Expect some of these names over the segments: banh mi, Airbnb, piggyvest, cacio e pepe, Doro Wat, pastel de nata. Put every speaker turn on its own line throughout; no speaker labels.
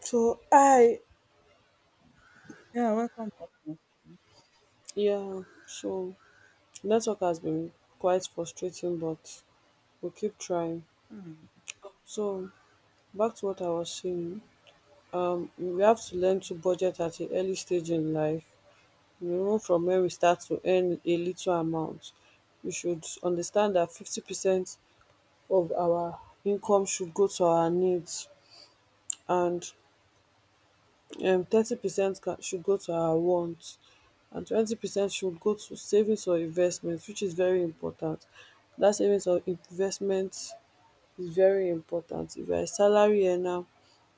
So I
Yeah, welcome back once again.
Yeah, so network has been quite frustrating, but we'll keep trying.
Mm.
So back to what I was saying, we have to learn to budget at an early stage in life. You know, from when we start to earn a little amount. We should understand that 50% of our income should go to our needs, and 30% ca should go to our wants, and 20% should go to savings or investments, which is very important. Dat savings or investment is very important. If you are a salary earner,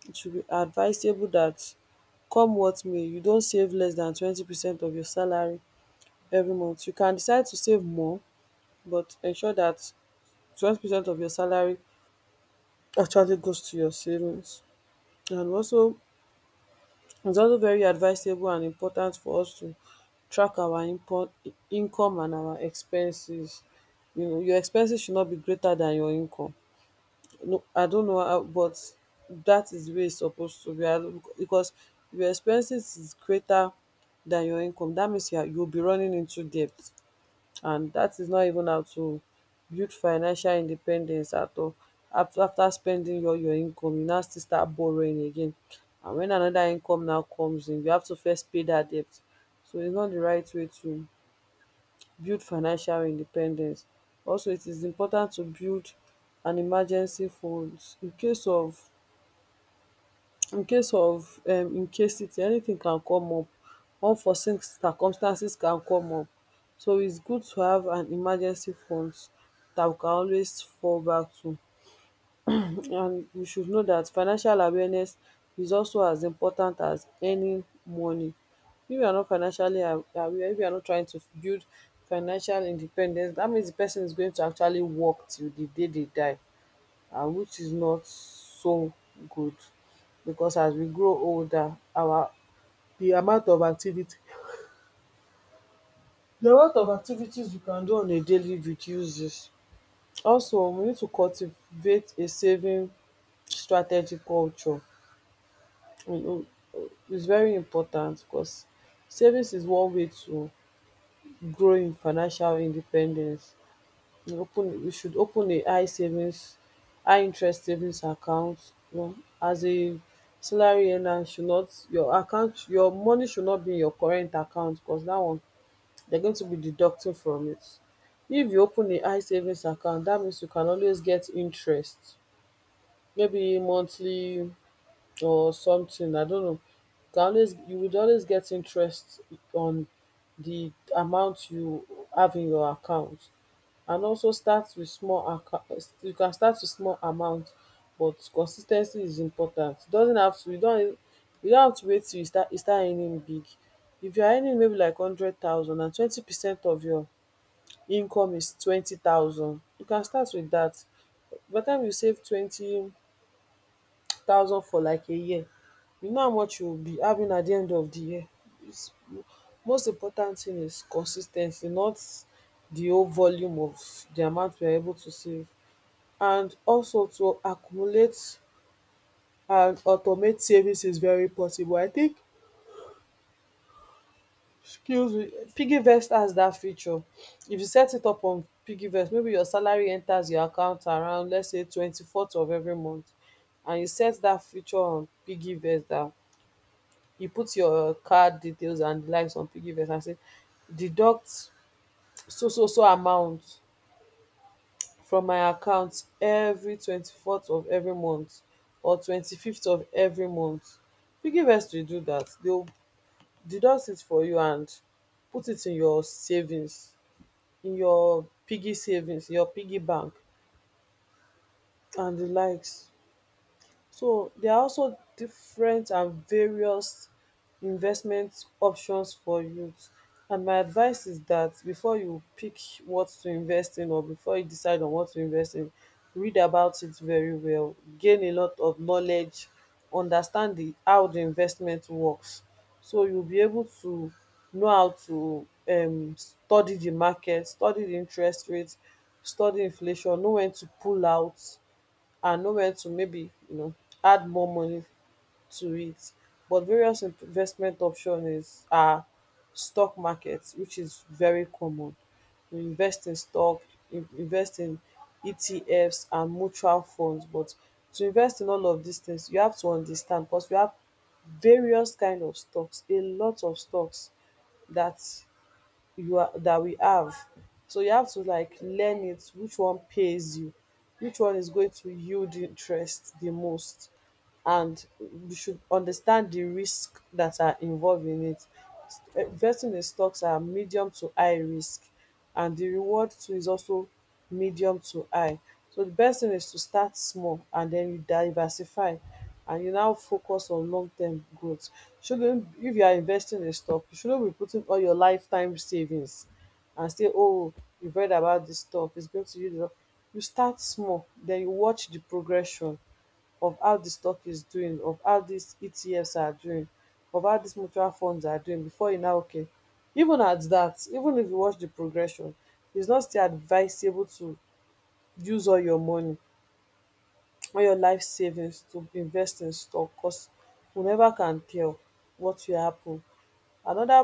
it should be advisable that, come what may, you don't save less than 20% of your salary every month. You can decide to save more, but ensure that 20% of your salary actually goes to your savings. And also, it's also very advisable and important for us to track our import income and our expenses. You know, your expenses should not be greater than your income. No, I don't know how, but that is the way it's supposed to be. I don't- Because if your expenses is greater than your income, that means you'll be running into debt. And dat is not even how to build financial independence at all. After spending all your income, you now still start borrowing again, and wen anoda income now comes in, you have to first pay dat debt. So it's not di right way to build financial independence. Also, it is important to build an emergency fund in case of, in case of incasity anytin can come up, unforeseen circumstances can come up, so its good to have an emergency funds dat we can always fall back to. And we should know dat financial awareness is also as important as earning money. If you are not financially aware, if you are not trying to build financial independence, dat means di person is going to actually work till di day dey die, and which is not so good, because as we grow older, our the amount of activity the amount of activities you can do on a daily reduces. Also we need to cultivate a saving strategy culture. You know, it's very important because savings is one way to grow in financial independence. You should open a high interest savings account. You know, as a salary earner, should not your account your money should not be in your current account, because that one, they're going to be deducting from it. If you open a high savings account, that means you can always get interest, maybe monthly, or something, I don't know. You would always get interest on the amount you have in your account. And also start with you can start with small amount, but consis ten cy is important. E doesn't have to you don't have to wait till you start earning big. If you are earning maybe like hundred thousand, and twenty percent of your income is 20,000, you can start with that. By the time you save 20,000 for like a year, you know how much you will be having at the end of the year is most important thing is consis ten cy, not the whole volume of the amount you are able to save. And also to accumulate and automate savings is very possible. I think skills with piggyvest has that feature. If you set it up on piggyvest, maybe your salary enters your account around, let's say, 24th of every month, and you set that feature on piggyvest that you put your card details and the likes on piggyvest and say, deduct so so so amount from my account every 24th of every month or 25th of every month. Piggyvest will do that. They will deduct it for you and put it in your savings, in your piggy savings, your piggy bank, and the likes. So there are also different and various investment options for youth. And my advice is that before you pick what to invest in, or before you decide on what to invest in, read about it very well, gain a lot of knowledge, understand the how the investment works. So you'll be able to know how to study the market, study the interest rate, study inflation, know when to pull out, and know when to, maybe, you know, add more money to it. But various investment option is are stock markets, which is very common. You invest in stock, invest in ETFs and mutual funds. But to invest in all of these things, you have to understand, because we have various kind of stocks, a lot of stocks that you are that we have. So you have to like learn it, which one pays you, which one is going to yield interest the most, and you should understand the risk that are involved in it. Investing in stocks are medium to high risk, and the reward too is also medium to high. So the best thing is to start small, and then you diversify, and you now focus on long term growth. Shouldn't If you are investing in stock, you shouldn't be putting all your lifetime savings and say, "Oh, you've read about this stock, it's going to you." You start small, then you watch the progression of how di stock is doing, of how dis ETFs are doing, of how these mutual funds are doing, before you now okay. Even at that, even if you watch the progression, it's not still advisable to use all your money, all your life savings, to invest in stock, cos you never can tell what will happen. Anoda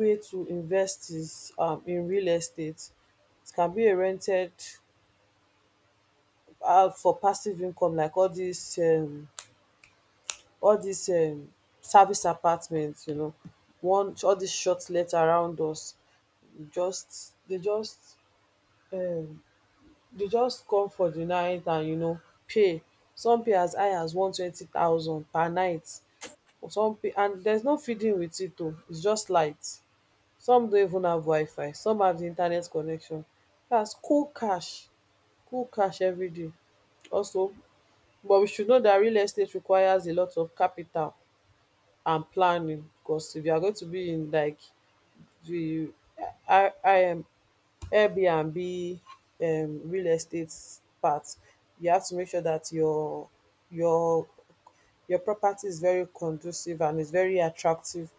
way to invest is in real estate. It can be a rented house for passive income, like all these all dis service apartment, you know, one all dis short let around us, just dey just um dey just come for di night and, you know, pay. Some pay as high as 120,000 per night. Some pay, and there's no feeding with it o, its just light. Some don't even have wifi, some have the internet connection. That's cold cash, cold cash every day. Also, but we should know that real estate requires a lot of capital and planning, because if you are going to be in like the I am Airbnb real estate part, you have to make sure that your your property is very conducive and is very attractive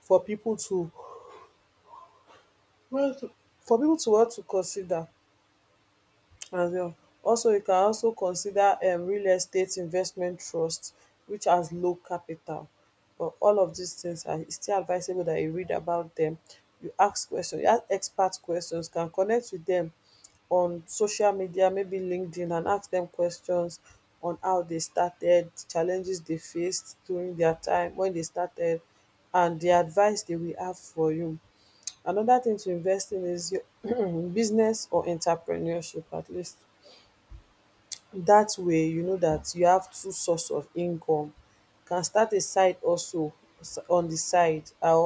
for people to, well to for people to want to consider. As well. Also, you can also consider real estate investment trust, which has low capital. But all of these things, are e still advisable that you read about them. You ask questions. You ask expert questions, can connect with them on social media, maybe LinkedIn, and ask them questions on how they started, the challenges they faced during their time when they started, and the advice they will have for you. Another thing to invest in is your business or entrepreneurship, at least. Dat way you know dat you have two source of income. You can start a side hustle on the side, or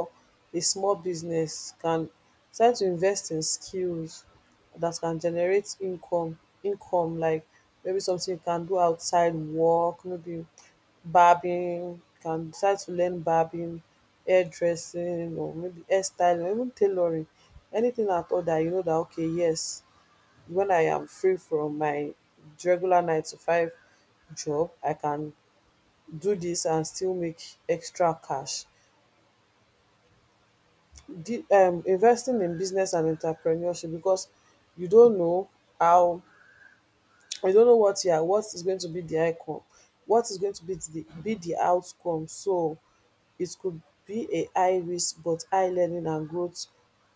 a small business. Can start to invest in skills dat can generate income, like maybe something you can do outside work, maybe barbing. You can start to learn barbing, hairdressing, or maybe hairstyling, or even tailoring, anything at all dat you know dat, okay, yes, when I am free from my regular nine to five job, I can do this and still make extra cash. Investing in business and entrepreneurship, because you don't know how, you don't know what yeah what is going to be the outcome, what is going to be the outcome. So it could be a high risk, but high learning and growth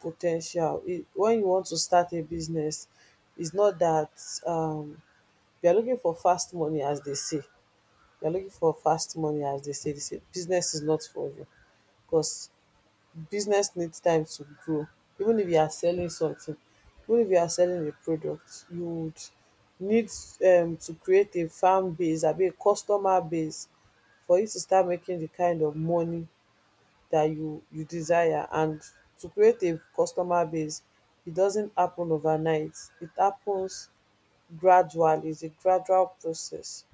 potential. When you want to start a business, it's not that um they are looking for fast money, as they say. They are looking for fast money, as they say. They say business is not for you, because business needs time to grow. Even if you are selling something, even if you are selling a product, you would need, to create a fan base, abi a customer base, for you to start making the kind of money that you desire. And to create a customer base, it doesn't happen overnight. It happens gradually. It's a gradual process.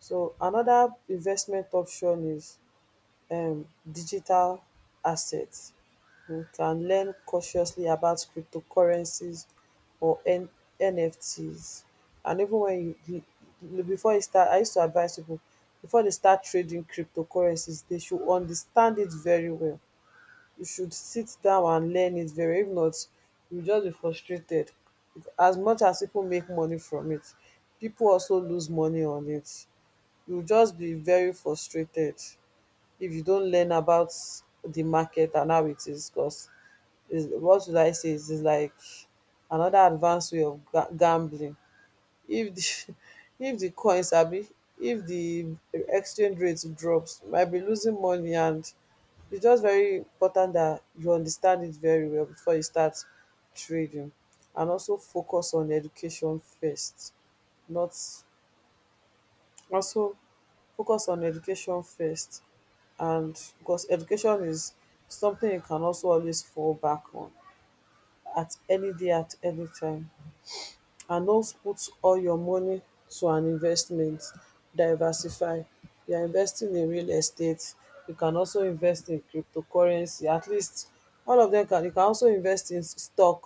So another investment option is digital assets. You can learn cautiously about cryptocurrencies or N NFTs. And even when you before you start, I used to advise people before they start trading cryptocurrencies they should understand it very well. You should sit down and learn it very well. If not, you just be frustrated. As much as people make money from it, people also lose money on it. You just be very frustrated if you don't learn about the market and how it is, because what would I say is like another advanced way of gambling. If the if the coins, coin be if the exchange rate drops, you might be losing money, and it's just very important that you understand it very well before you start trading, and also focus on education first. Not also Focus on education first, and because education is something you can also always fall back on at any day, at any time, and no put all your money to an investment. Diversify. You are investing in real estate, you can also invest in cryptocurrency. At least all of dem, can you can also invest in stock,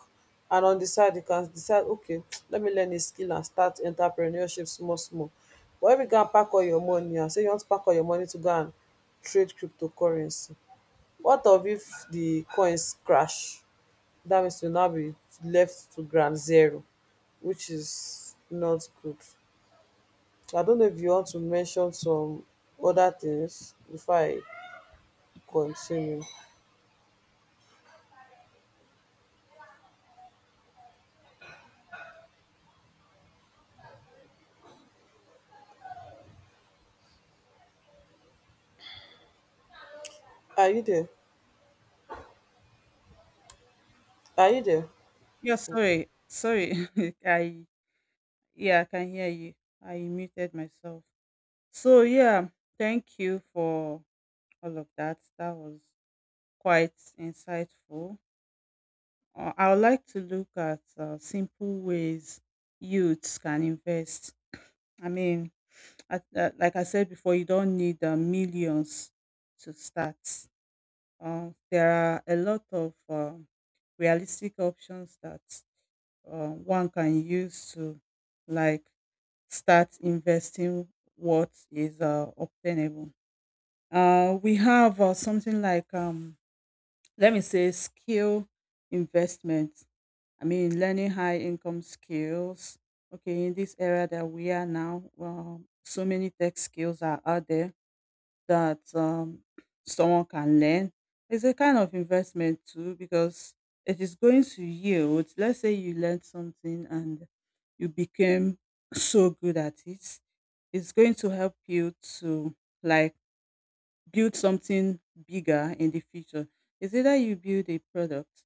and on di side you can decide, okay, let me learn a skill and start entrepreneurship small small. But if you go and pack all your money and say you want to pack all your money to go and trade cryptocurrency, what of if di coins crash? That means you'll now be left to ground zero, which is not good. I don't know if you want to mention some other things before I continue. Are you there? Are you there?
Yeah, sorry, sorry. I yeah, I can hear you. I muted myself. So yeah, thank you for all of that. That was quite insightful. I would like to look at simple ways youths can invest. I mean, like I said before, you don't need millions to start. There are a lot of realistic options that one can use to like start investing what is obtainable. We have something like let me say skill investment. I mean, learning high income skills. Okay, in this era that we are now, well, so many tech skills are out there that someone can learn. It's a kind of investment too because it is going to yield. Let's say you learned something and you became so good at it. It's going to help you to like build something bigger in the future. It's either you build a product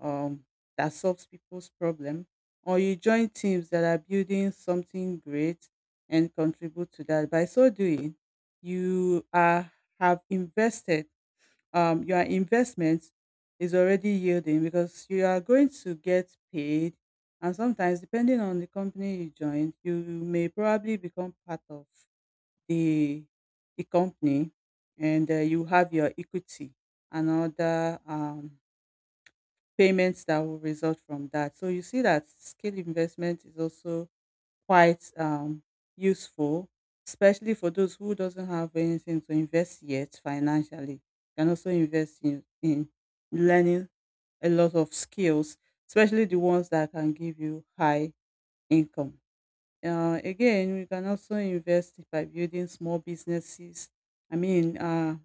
um, that solves people's problem, or you join teams that are building something great and contribute to that. By so doing, you are have invested. Your investment is already yielding because you are going to get paid, and sometimes depending on the company you join, you may probably become part of the the company, and you have your equity and other payments that will result from that. So you see that scale investment is also quite useful, especially for those who doesn't have anything to invest yet financially. Can also invest in learning a lot of skills, especially the ones that can give you high income. Again, we can also invest by building small businesses. I mean,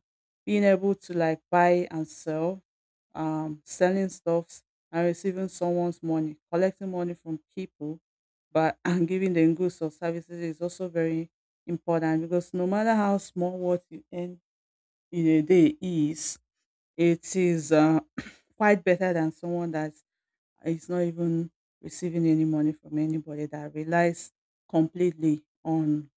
being able to like buy and sell, selling stuffs and receiving someone's money, collecting money from people, but and giving them goods or services is also very important because no matter how small what you earn in a day is, it is quite better than someone that he's not even receiving any money from anybody, that relies completely on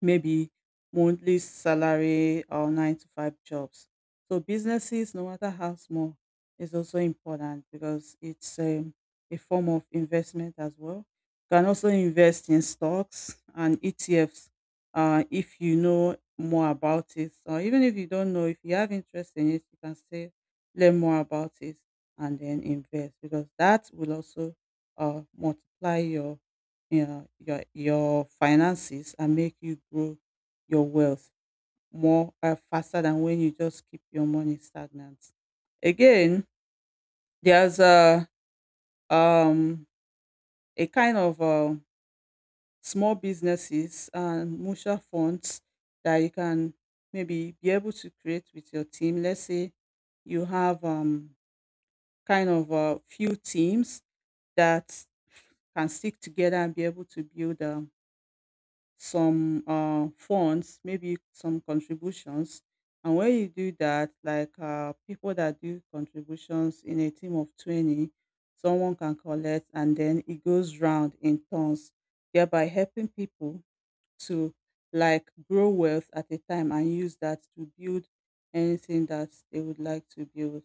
maybe monthly salary or nine to five jobs. So businesses, no matter how small, is also important because it's a form of investment as well. You can also invest in stocks and ETFs if you know more about it. Or even if you don't know, if you have interest in it, you can still learn more about it and then invest because that will also multiply your yeah, your finances and make you grow your wealth more faster than when you just keep your money stagnant. Again, there's um a kind of small businesses and mutual funds that you can maybe be able to create with your team. Let's say you have kind of a few teams that can stick together and be able to build some funds, maybe some contributions. And when you do that, like people that do contributions in a team of 20, someone can collect and then it goes round in turns, thereby helping people to like grow wealth at a time and use that to build anything that they would like to build.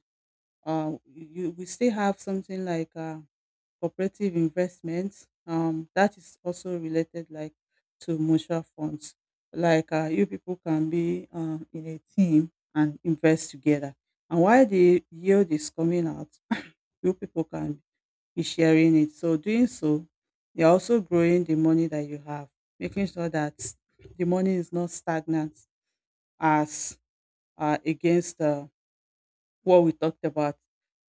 You we still have something like cooperative investments. That is also related like to mutual funds like you people can be in a team and invest together, and while the yield is coming out, you people can be sharing it, so doing so you're also growing the money that you have, making sure that the money is not stagnant as against what we talked about,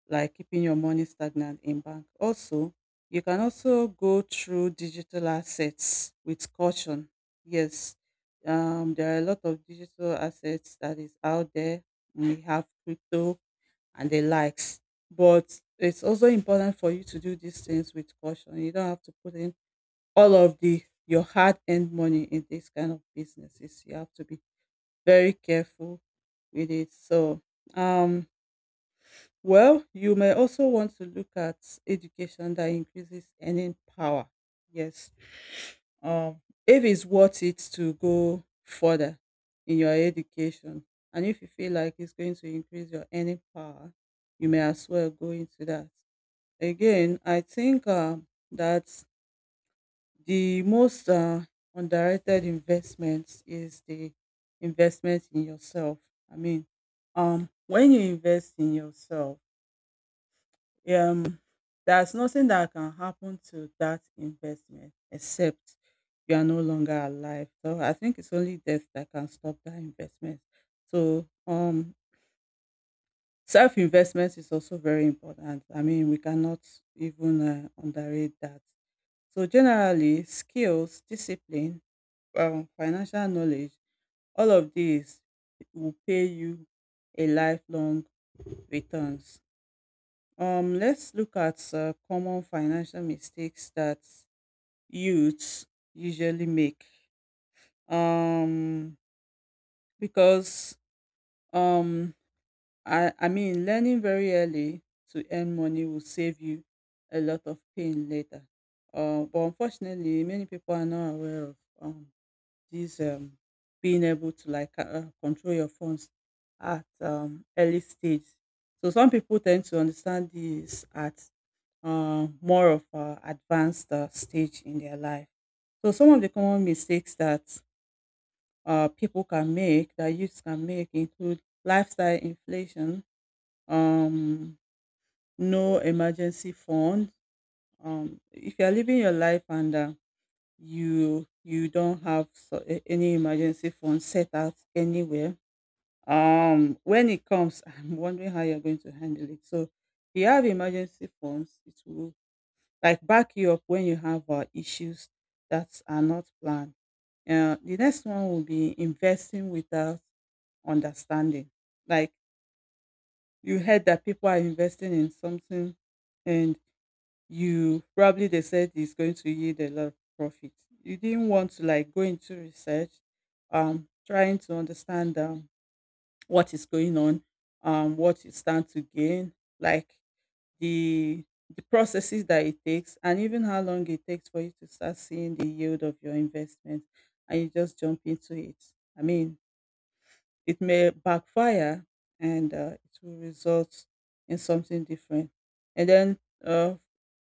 like keeping your money stagnant in bank. Also, you can also go through digital assets with caution. Yes, there are a lot of digital assets that is out there. We have crypto and the likes, but it's also important for you to do these things with caution. You don't have to put in all of the your hard-earned money in this kind of businesses. You have to be very careful with it. So, um, well, you may also want to look at education that increases earning power. Yes. Um, if it's worth it to go further in your education, and if you feel like it's going to increase your earning power, you may as well go into that. Again, I think that the most underrated investment is the investment in yourself. I mean, when you invest in yourself, um there's nothing that can happen to that investment except you are no longer alive. So I think it's only death that can stop that investment. So self investment is also very important. I mean, we cannot even underrate that. So generally, skills, discipline, financial knowledge, all of these will pay you a lifelong returns. Let's look at common financial mistakes that youths usually make. Um, because um, I mean, learning very early to earn money will save you a lot of pain later. But unfortunately, many people are not aware of this being able to like control your funds at early stage. So some people tend to understand this at more of advanced stage in their life. So some of the common mistakes that people can make, that youths can make, include lifestyle inflation, um, no emergency fund. If you are living your life and you don't have so, any emergency fund set out anywhere, when it comes, I'm wondering how you're going to handle it. So if you have emergency funds, it will like back you up when you have issues that are not planned. The next one will be investing without understanding. Like you heard that people are investing in something and you probably, they said it's going to yield a lot of profit. You didn't want to like go into research, trying to understand what is going on, what you stand to gain. Like the the processes that it takes and even how long it takes for you to start seeing the yield of your investment, and you just jump into it. I mean, it may backfire, and it will result in something different. And then uh,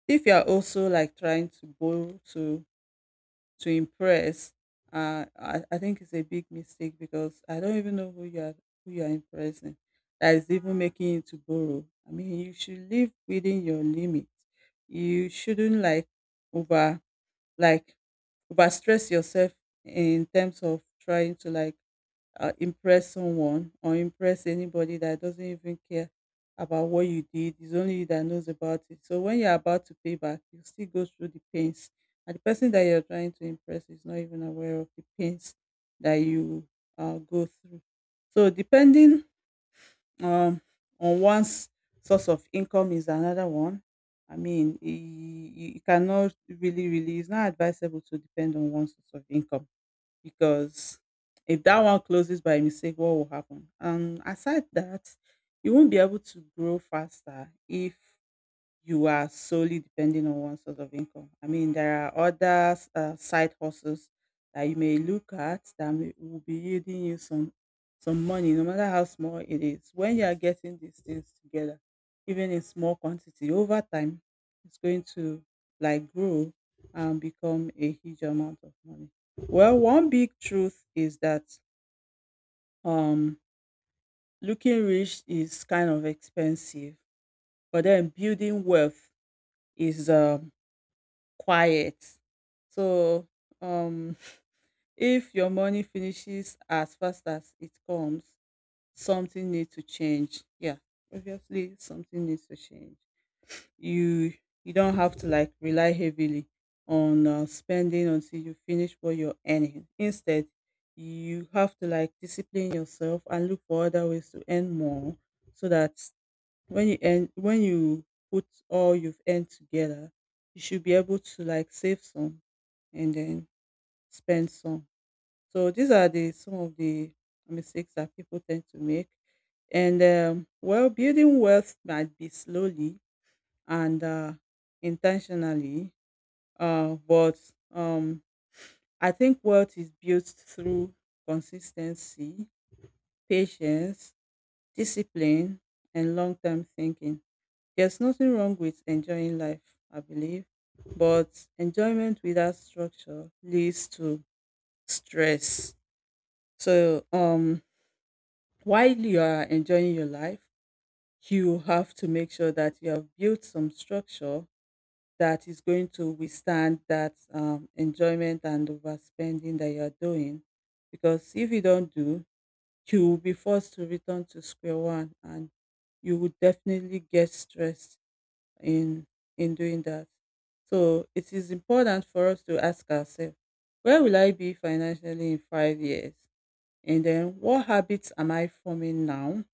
if you're also like trying to borrow to impress, I think it's a big mistake because I don't even know who you are, who you are impressing. That is even making you to borrow. I mean, you should live within your limit. You shouldn't over like over stress yourself in terms of trying to like impress someone or impress anybody that doesn't even care about what you did. It's only you that knows about it. So when you're about to pay back, you still go through the pains. And the person that you're trying to impress is not even aware of the pains that you go through. So depending um, on one's source of income is another one. I mean, you cannot it's not advisable to depend on one source of income because if that one closes by mistake, what will happen? And aside that, you won't be able to grow faster if you are solely depending on one source of income. I mean, there are other side hustles that you may look at that will be yielding you some money, no matter how small it is. When you are getting these things together, even in small quantity, over time, it's going to like grow and become a huge amount of money. Well, one big truth is that um, looking rich is kind of expensive, but then building wealth is quiet. So, um, if your money finishes as fast as it comes, something needs to change. Yeah, obviously something needs to change. You you don't have to like rely heavily on spending until you finish what you're earning. Instead, you have to like discipline yourself and look for other ways to earn more so that when you put all you've earned together, you should be able to like save some and then spend some. So these are the some of the mistakes that people tend to make. And well, building wealth might be slowly and intentionally, but um, I think wealth is built through consistency, patience, discipline and long-term thinking. There's nothing wrong with enjoying life, I believe, but enjoyment without structure leads to stress. So, while you are enjoying your life, you have to make sure that you have built some structure that is going to withstand that enjoyment and overspending that you are doing. Because if you don't do, you will be forced to return to square one and you would definitely get stressed in in doing that. So it is important for us to ask ourselves, where will I be financially in 5 years? And then what habits am I forming now,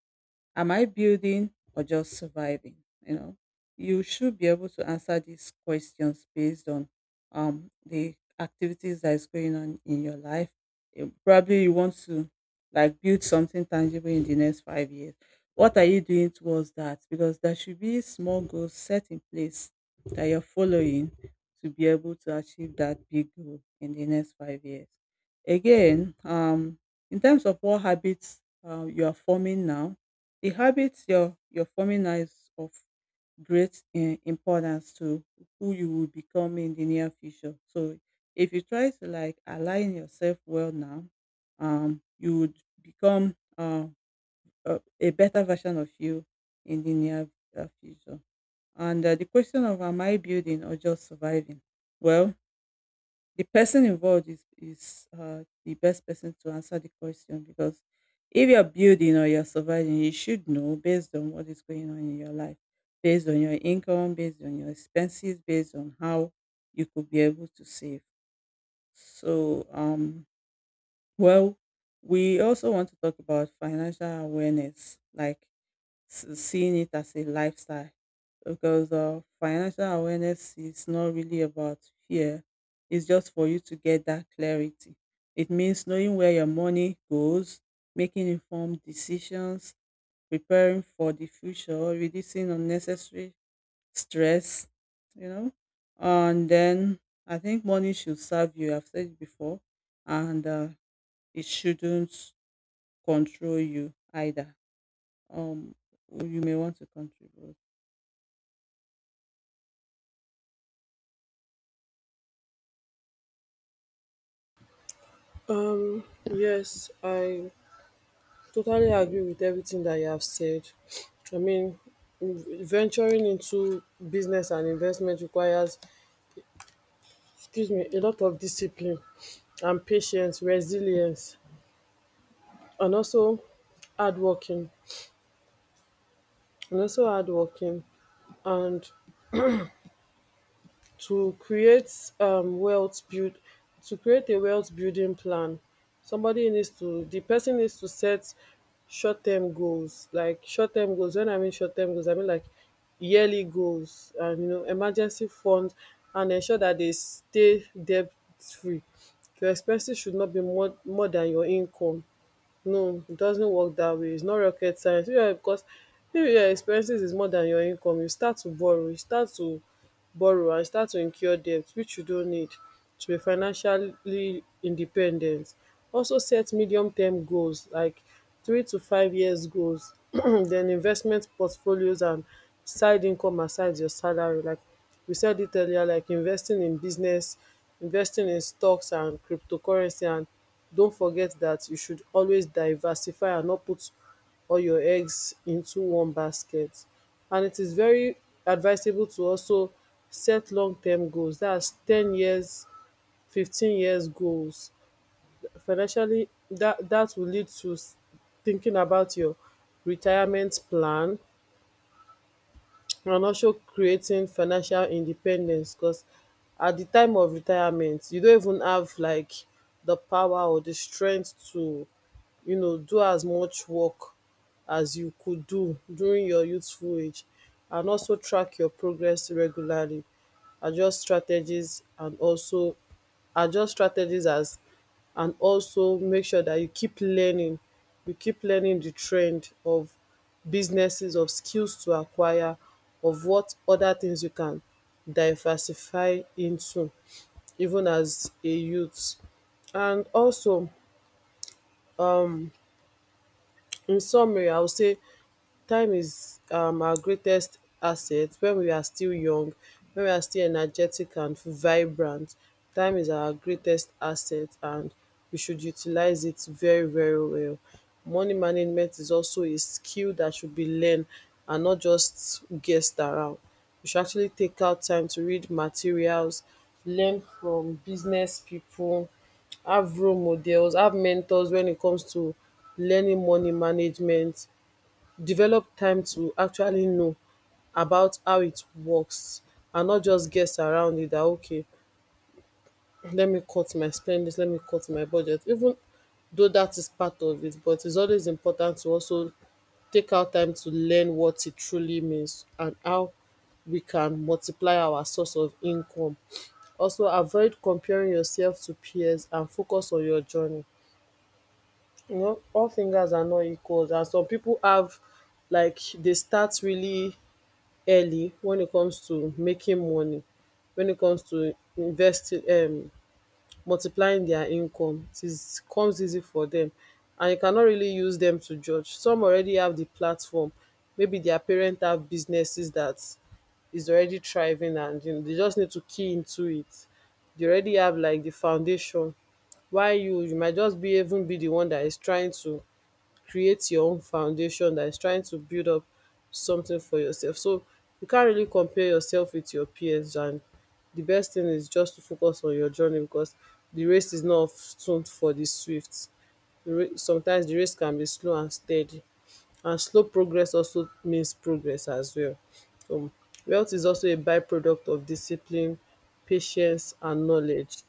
am I building or just surviving? You know, you should be able to answer these questions based on the activities that is going on in your life. Probably you want to like build something tangible in the next 5 years. What are you doing towards that? Because there should be small goals set in place that you're following to be able to achieve that big goal in the next 5 years. Again, in terms of what habits you are forming now, the habits you're forming now is of great im importance to who you will become in the near future. So if you try to like align yourself well now, you would become a better version of you in the near future. And the question of am I building or just surviving? Well, the person involved is the best person to answer the question because if you're building or you're surviving, you should know based on what is going on in your life, based on your income, based on your expenses, based on how you could be able to save. So, well, we also want to talk about financial awareness, like seeing it as a lifestyle because financial awareness is not really about fear. It's just for you to get that clarity. It means knowing where your money goes, making informed decisions, preparing for the future, reducing unnecessary stress, you know. And then I think money should serve you. I've said it before, and it shouldn't control you either. Um, you may want to contribute.
Yes, I totally agree with everything that you have said. I mean, venturing into business and investment requires, excuse me, a lot of discipline and patience, resilience, and also hard working. And also hard working. And to create wealth build to create a wealth building plan, somebody needs to the person needs to set short term goals. Like short term goals, when I mean short term goals, I mean like yearly goals, and you know, emergency fund, and ensure that they stay debt free. Your expenses should not be more than your income. No, it doesn't work that way. It's not rocket science. Yeah, because if your expenses is more than your income, you start to borrow. You start to borrow and start to incur debt, which you don't need. To be financially independent, also set medium term goals like 3 to 5 years goals. Then investment portfolios and side income aside your salary, like we said it earlier, like investing in business, investing in stocks and cryptocurrency. And don't forget that you should always diversify and not put all your eggs into one basket. And it is very advisable to also set long term goals, that's 10 years, 15 years goals financially. That will lead to thinking about your retirement plan, and also creating financial independence, because at the time of retirement, you don't even have like the power or the strength to, you know, do as much work as you could do during your youthful age. And also track your progress regularly, adjust strategies, and also adjust strategies as and also make sure that you keep learning. You keep learning the trend of businesses, of skills to acquire, of what other things you can diversify into, even as a youth. And also, in summary, I would say time is our greatest asset when we are still young, when we are still energetic and vibrant. Time is our greatest asset, and we should utilize it very, very well. Money management is also a skill that should be learned and not just guessed around. You should actually take out time to read materials, learn from business people, have role models, have mentors when it comes to learning money management. Develop time to actually know about how it works, and not just guess around it, that okay, let me cut my spendings, let me cut my budget. Even though that is part of it, but it's always important to also take out time to learn what it truly means and how we can multiply our source of income. Also avoid comparing yourself to peers and focus on your journey. You know, all fingers are not equal. And some people have, like they start really early when it comes to making money, when it comes to investing, multiplying their income, it is comes easy for them, and you cannot really use them to judge. Some already have the platform. Maybe their parent have businesses that is already thriving, and you know, they just need to key into it. They already have like the foundation. Why you might just be even be the one that is trying to create your own foundation, that is trying to build up something for yourself. So you can't really compare yourself with your peers, and the best thing is just to focus on your journey, because the race is not tuned for the swift. Sometimes the race can be slow and steady, and slow progress also means progress as well. Um, Wealth is also a byproduct of discipline, patience and knowledge.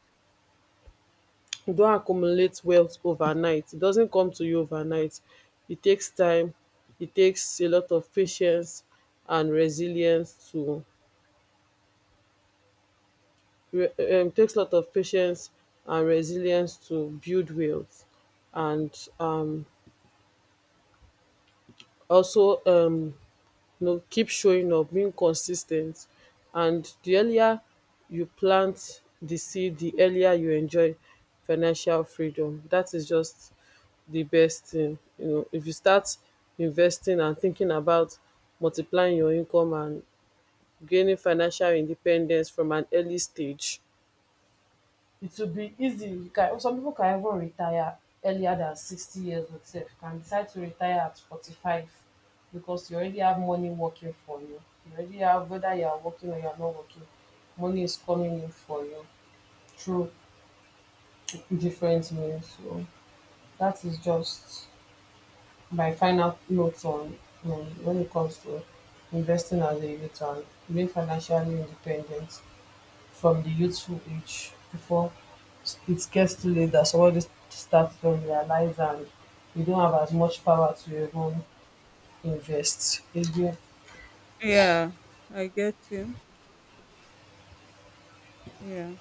You not accumulate wealth overnight. It doesn't come to you overnight. It takes time. It takes a lot of patience and resilience to it takes a lot of patience and resilience to build wealth. And also You know, keep showing up, being consistent, and the earlier you plant the seed, the earlier you enjoy financial freedom. That is just the best thing. You know, if you start investing and thinking about multiplying your income and gaining financial independence from an early stage, it will be easy. You can, some people can even retire earlier than 60 years old, sef can decide to retire at 45, because you already have money working for you. You already have, whether you are working or you are not working, money is coming in for you through different means. So that is just my final notes on when it comes to investing as a youth and being financially independent from the youthful age, before it gets too late, that somebody starts from their life and you don't have as much power to even invest again.
Yeah, I get you. Yeah,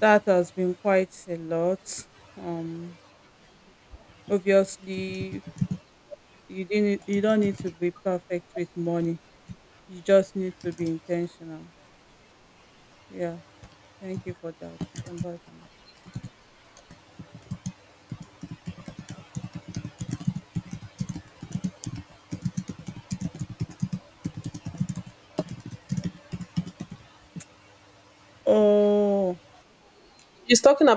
that has been quite a lot. Um, Obviously, you don't need to be perfect with money. You just need to be intentional. Yeah, thank you for that. And bye for now. Oh.
He's talking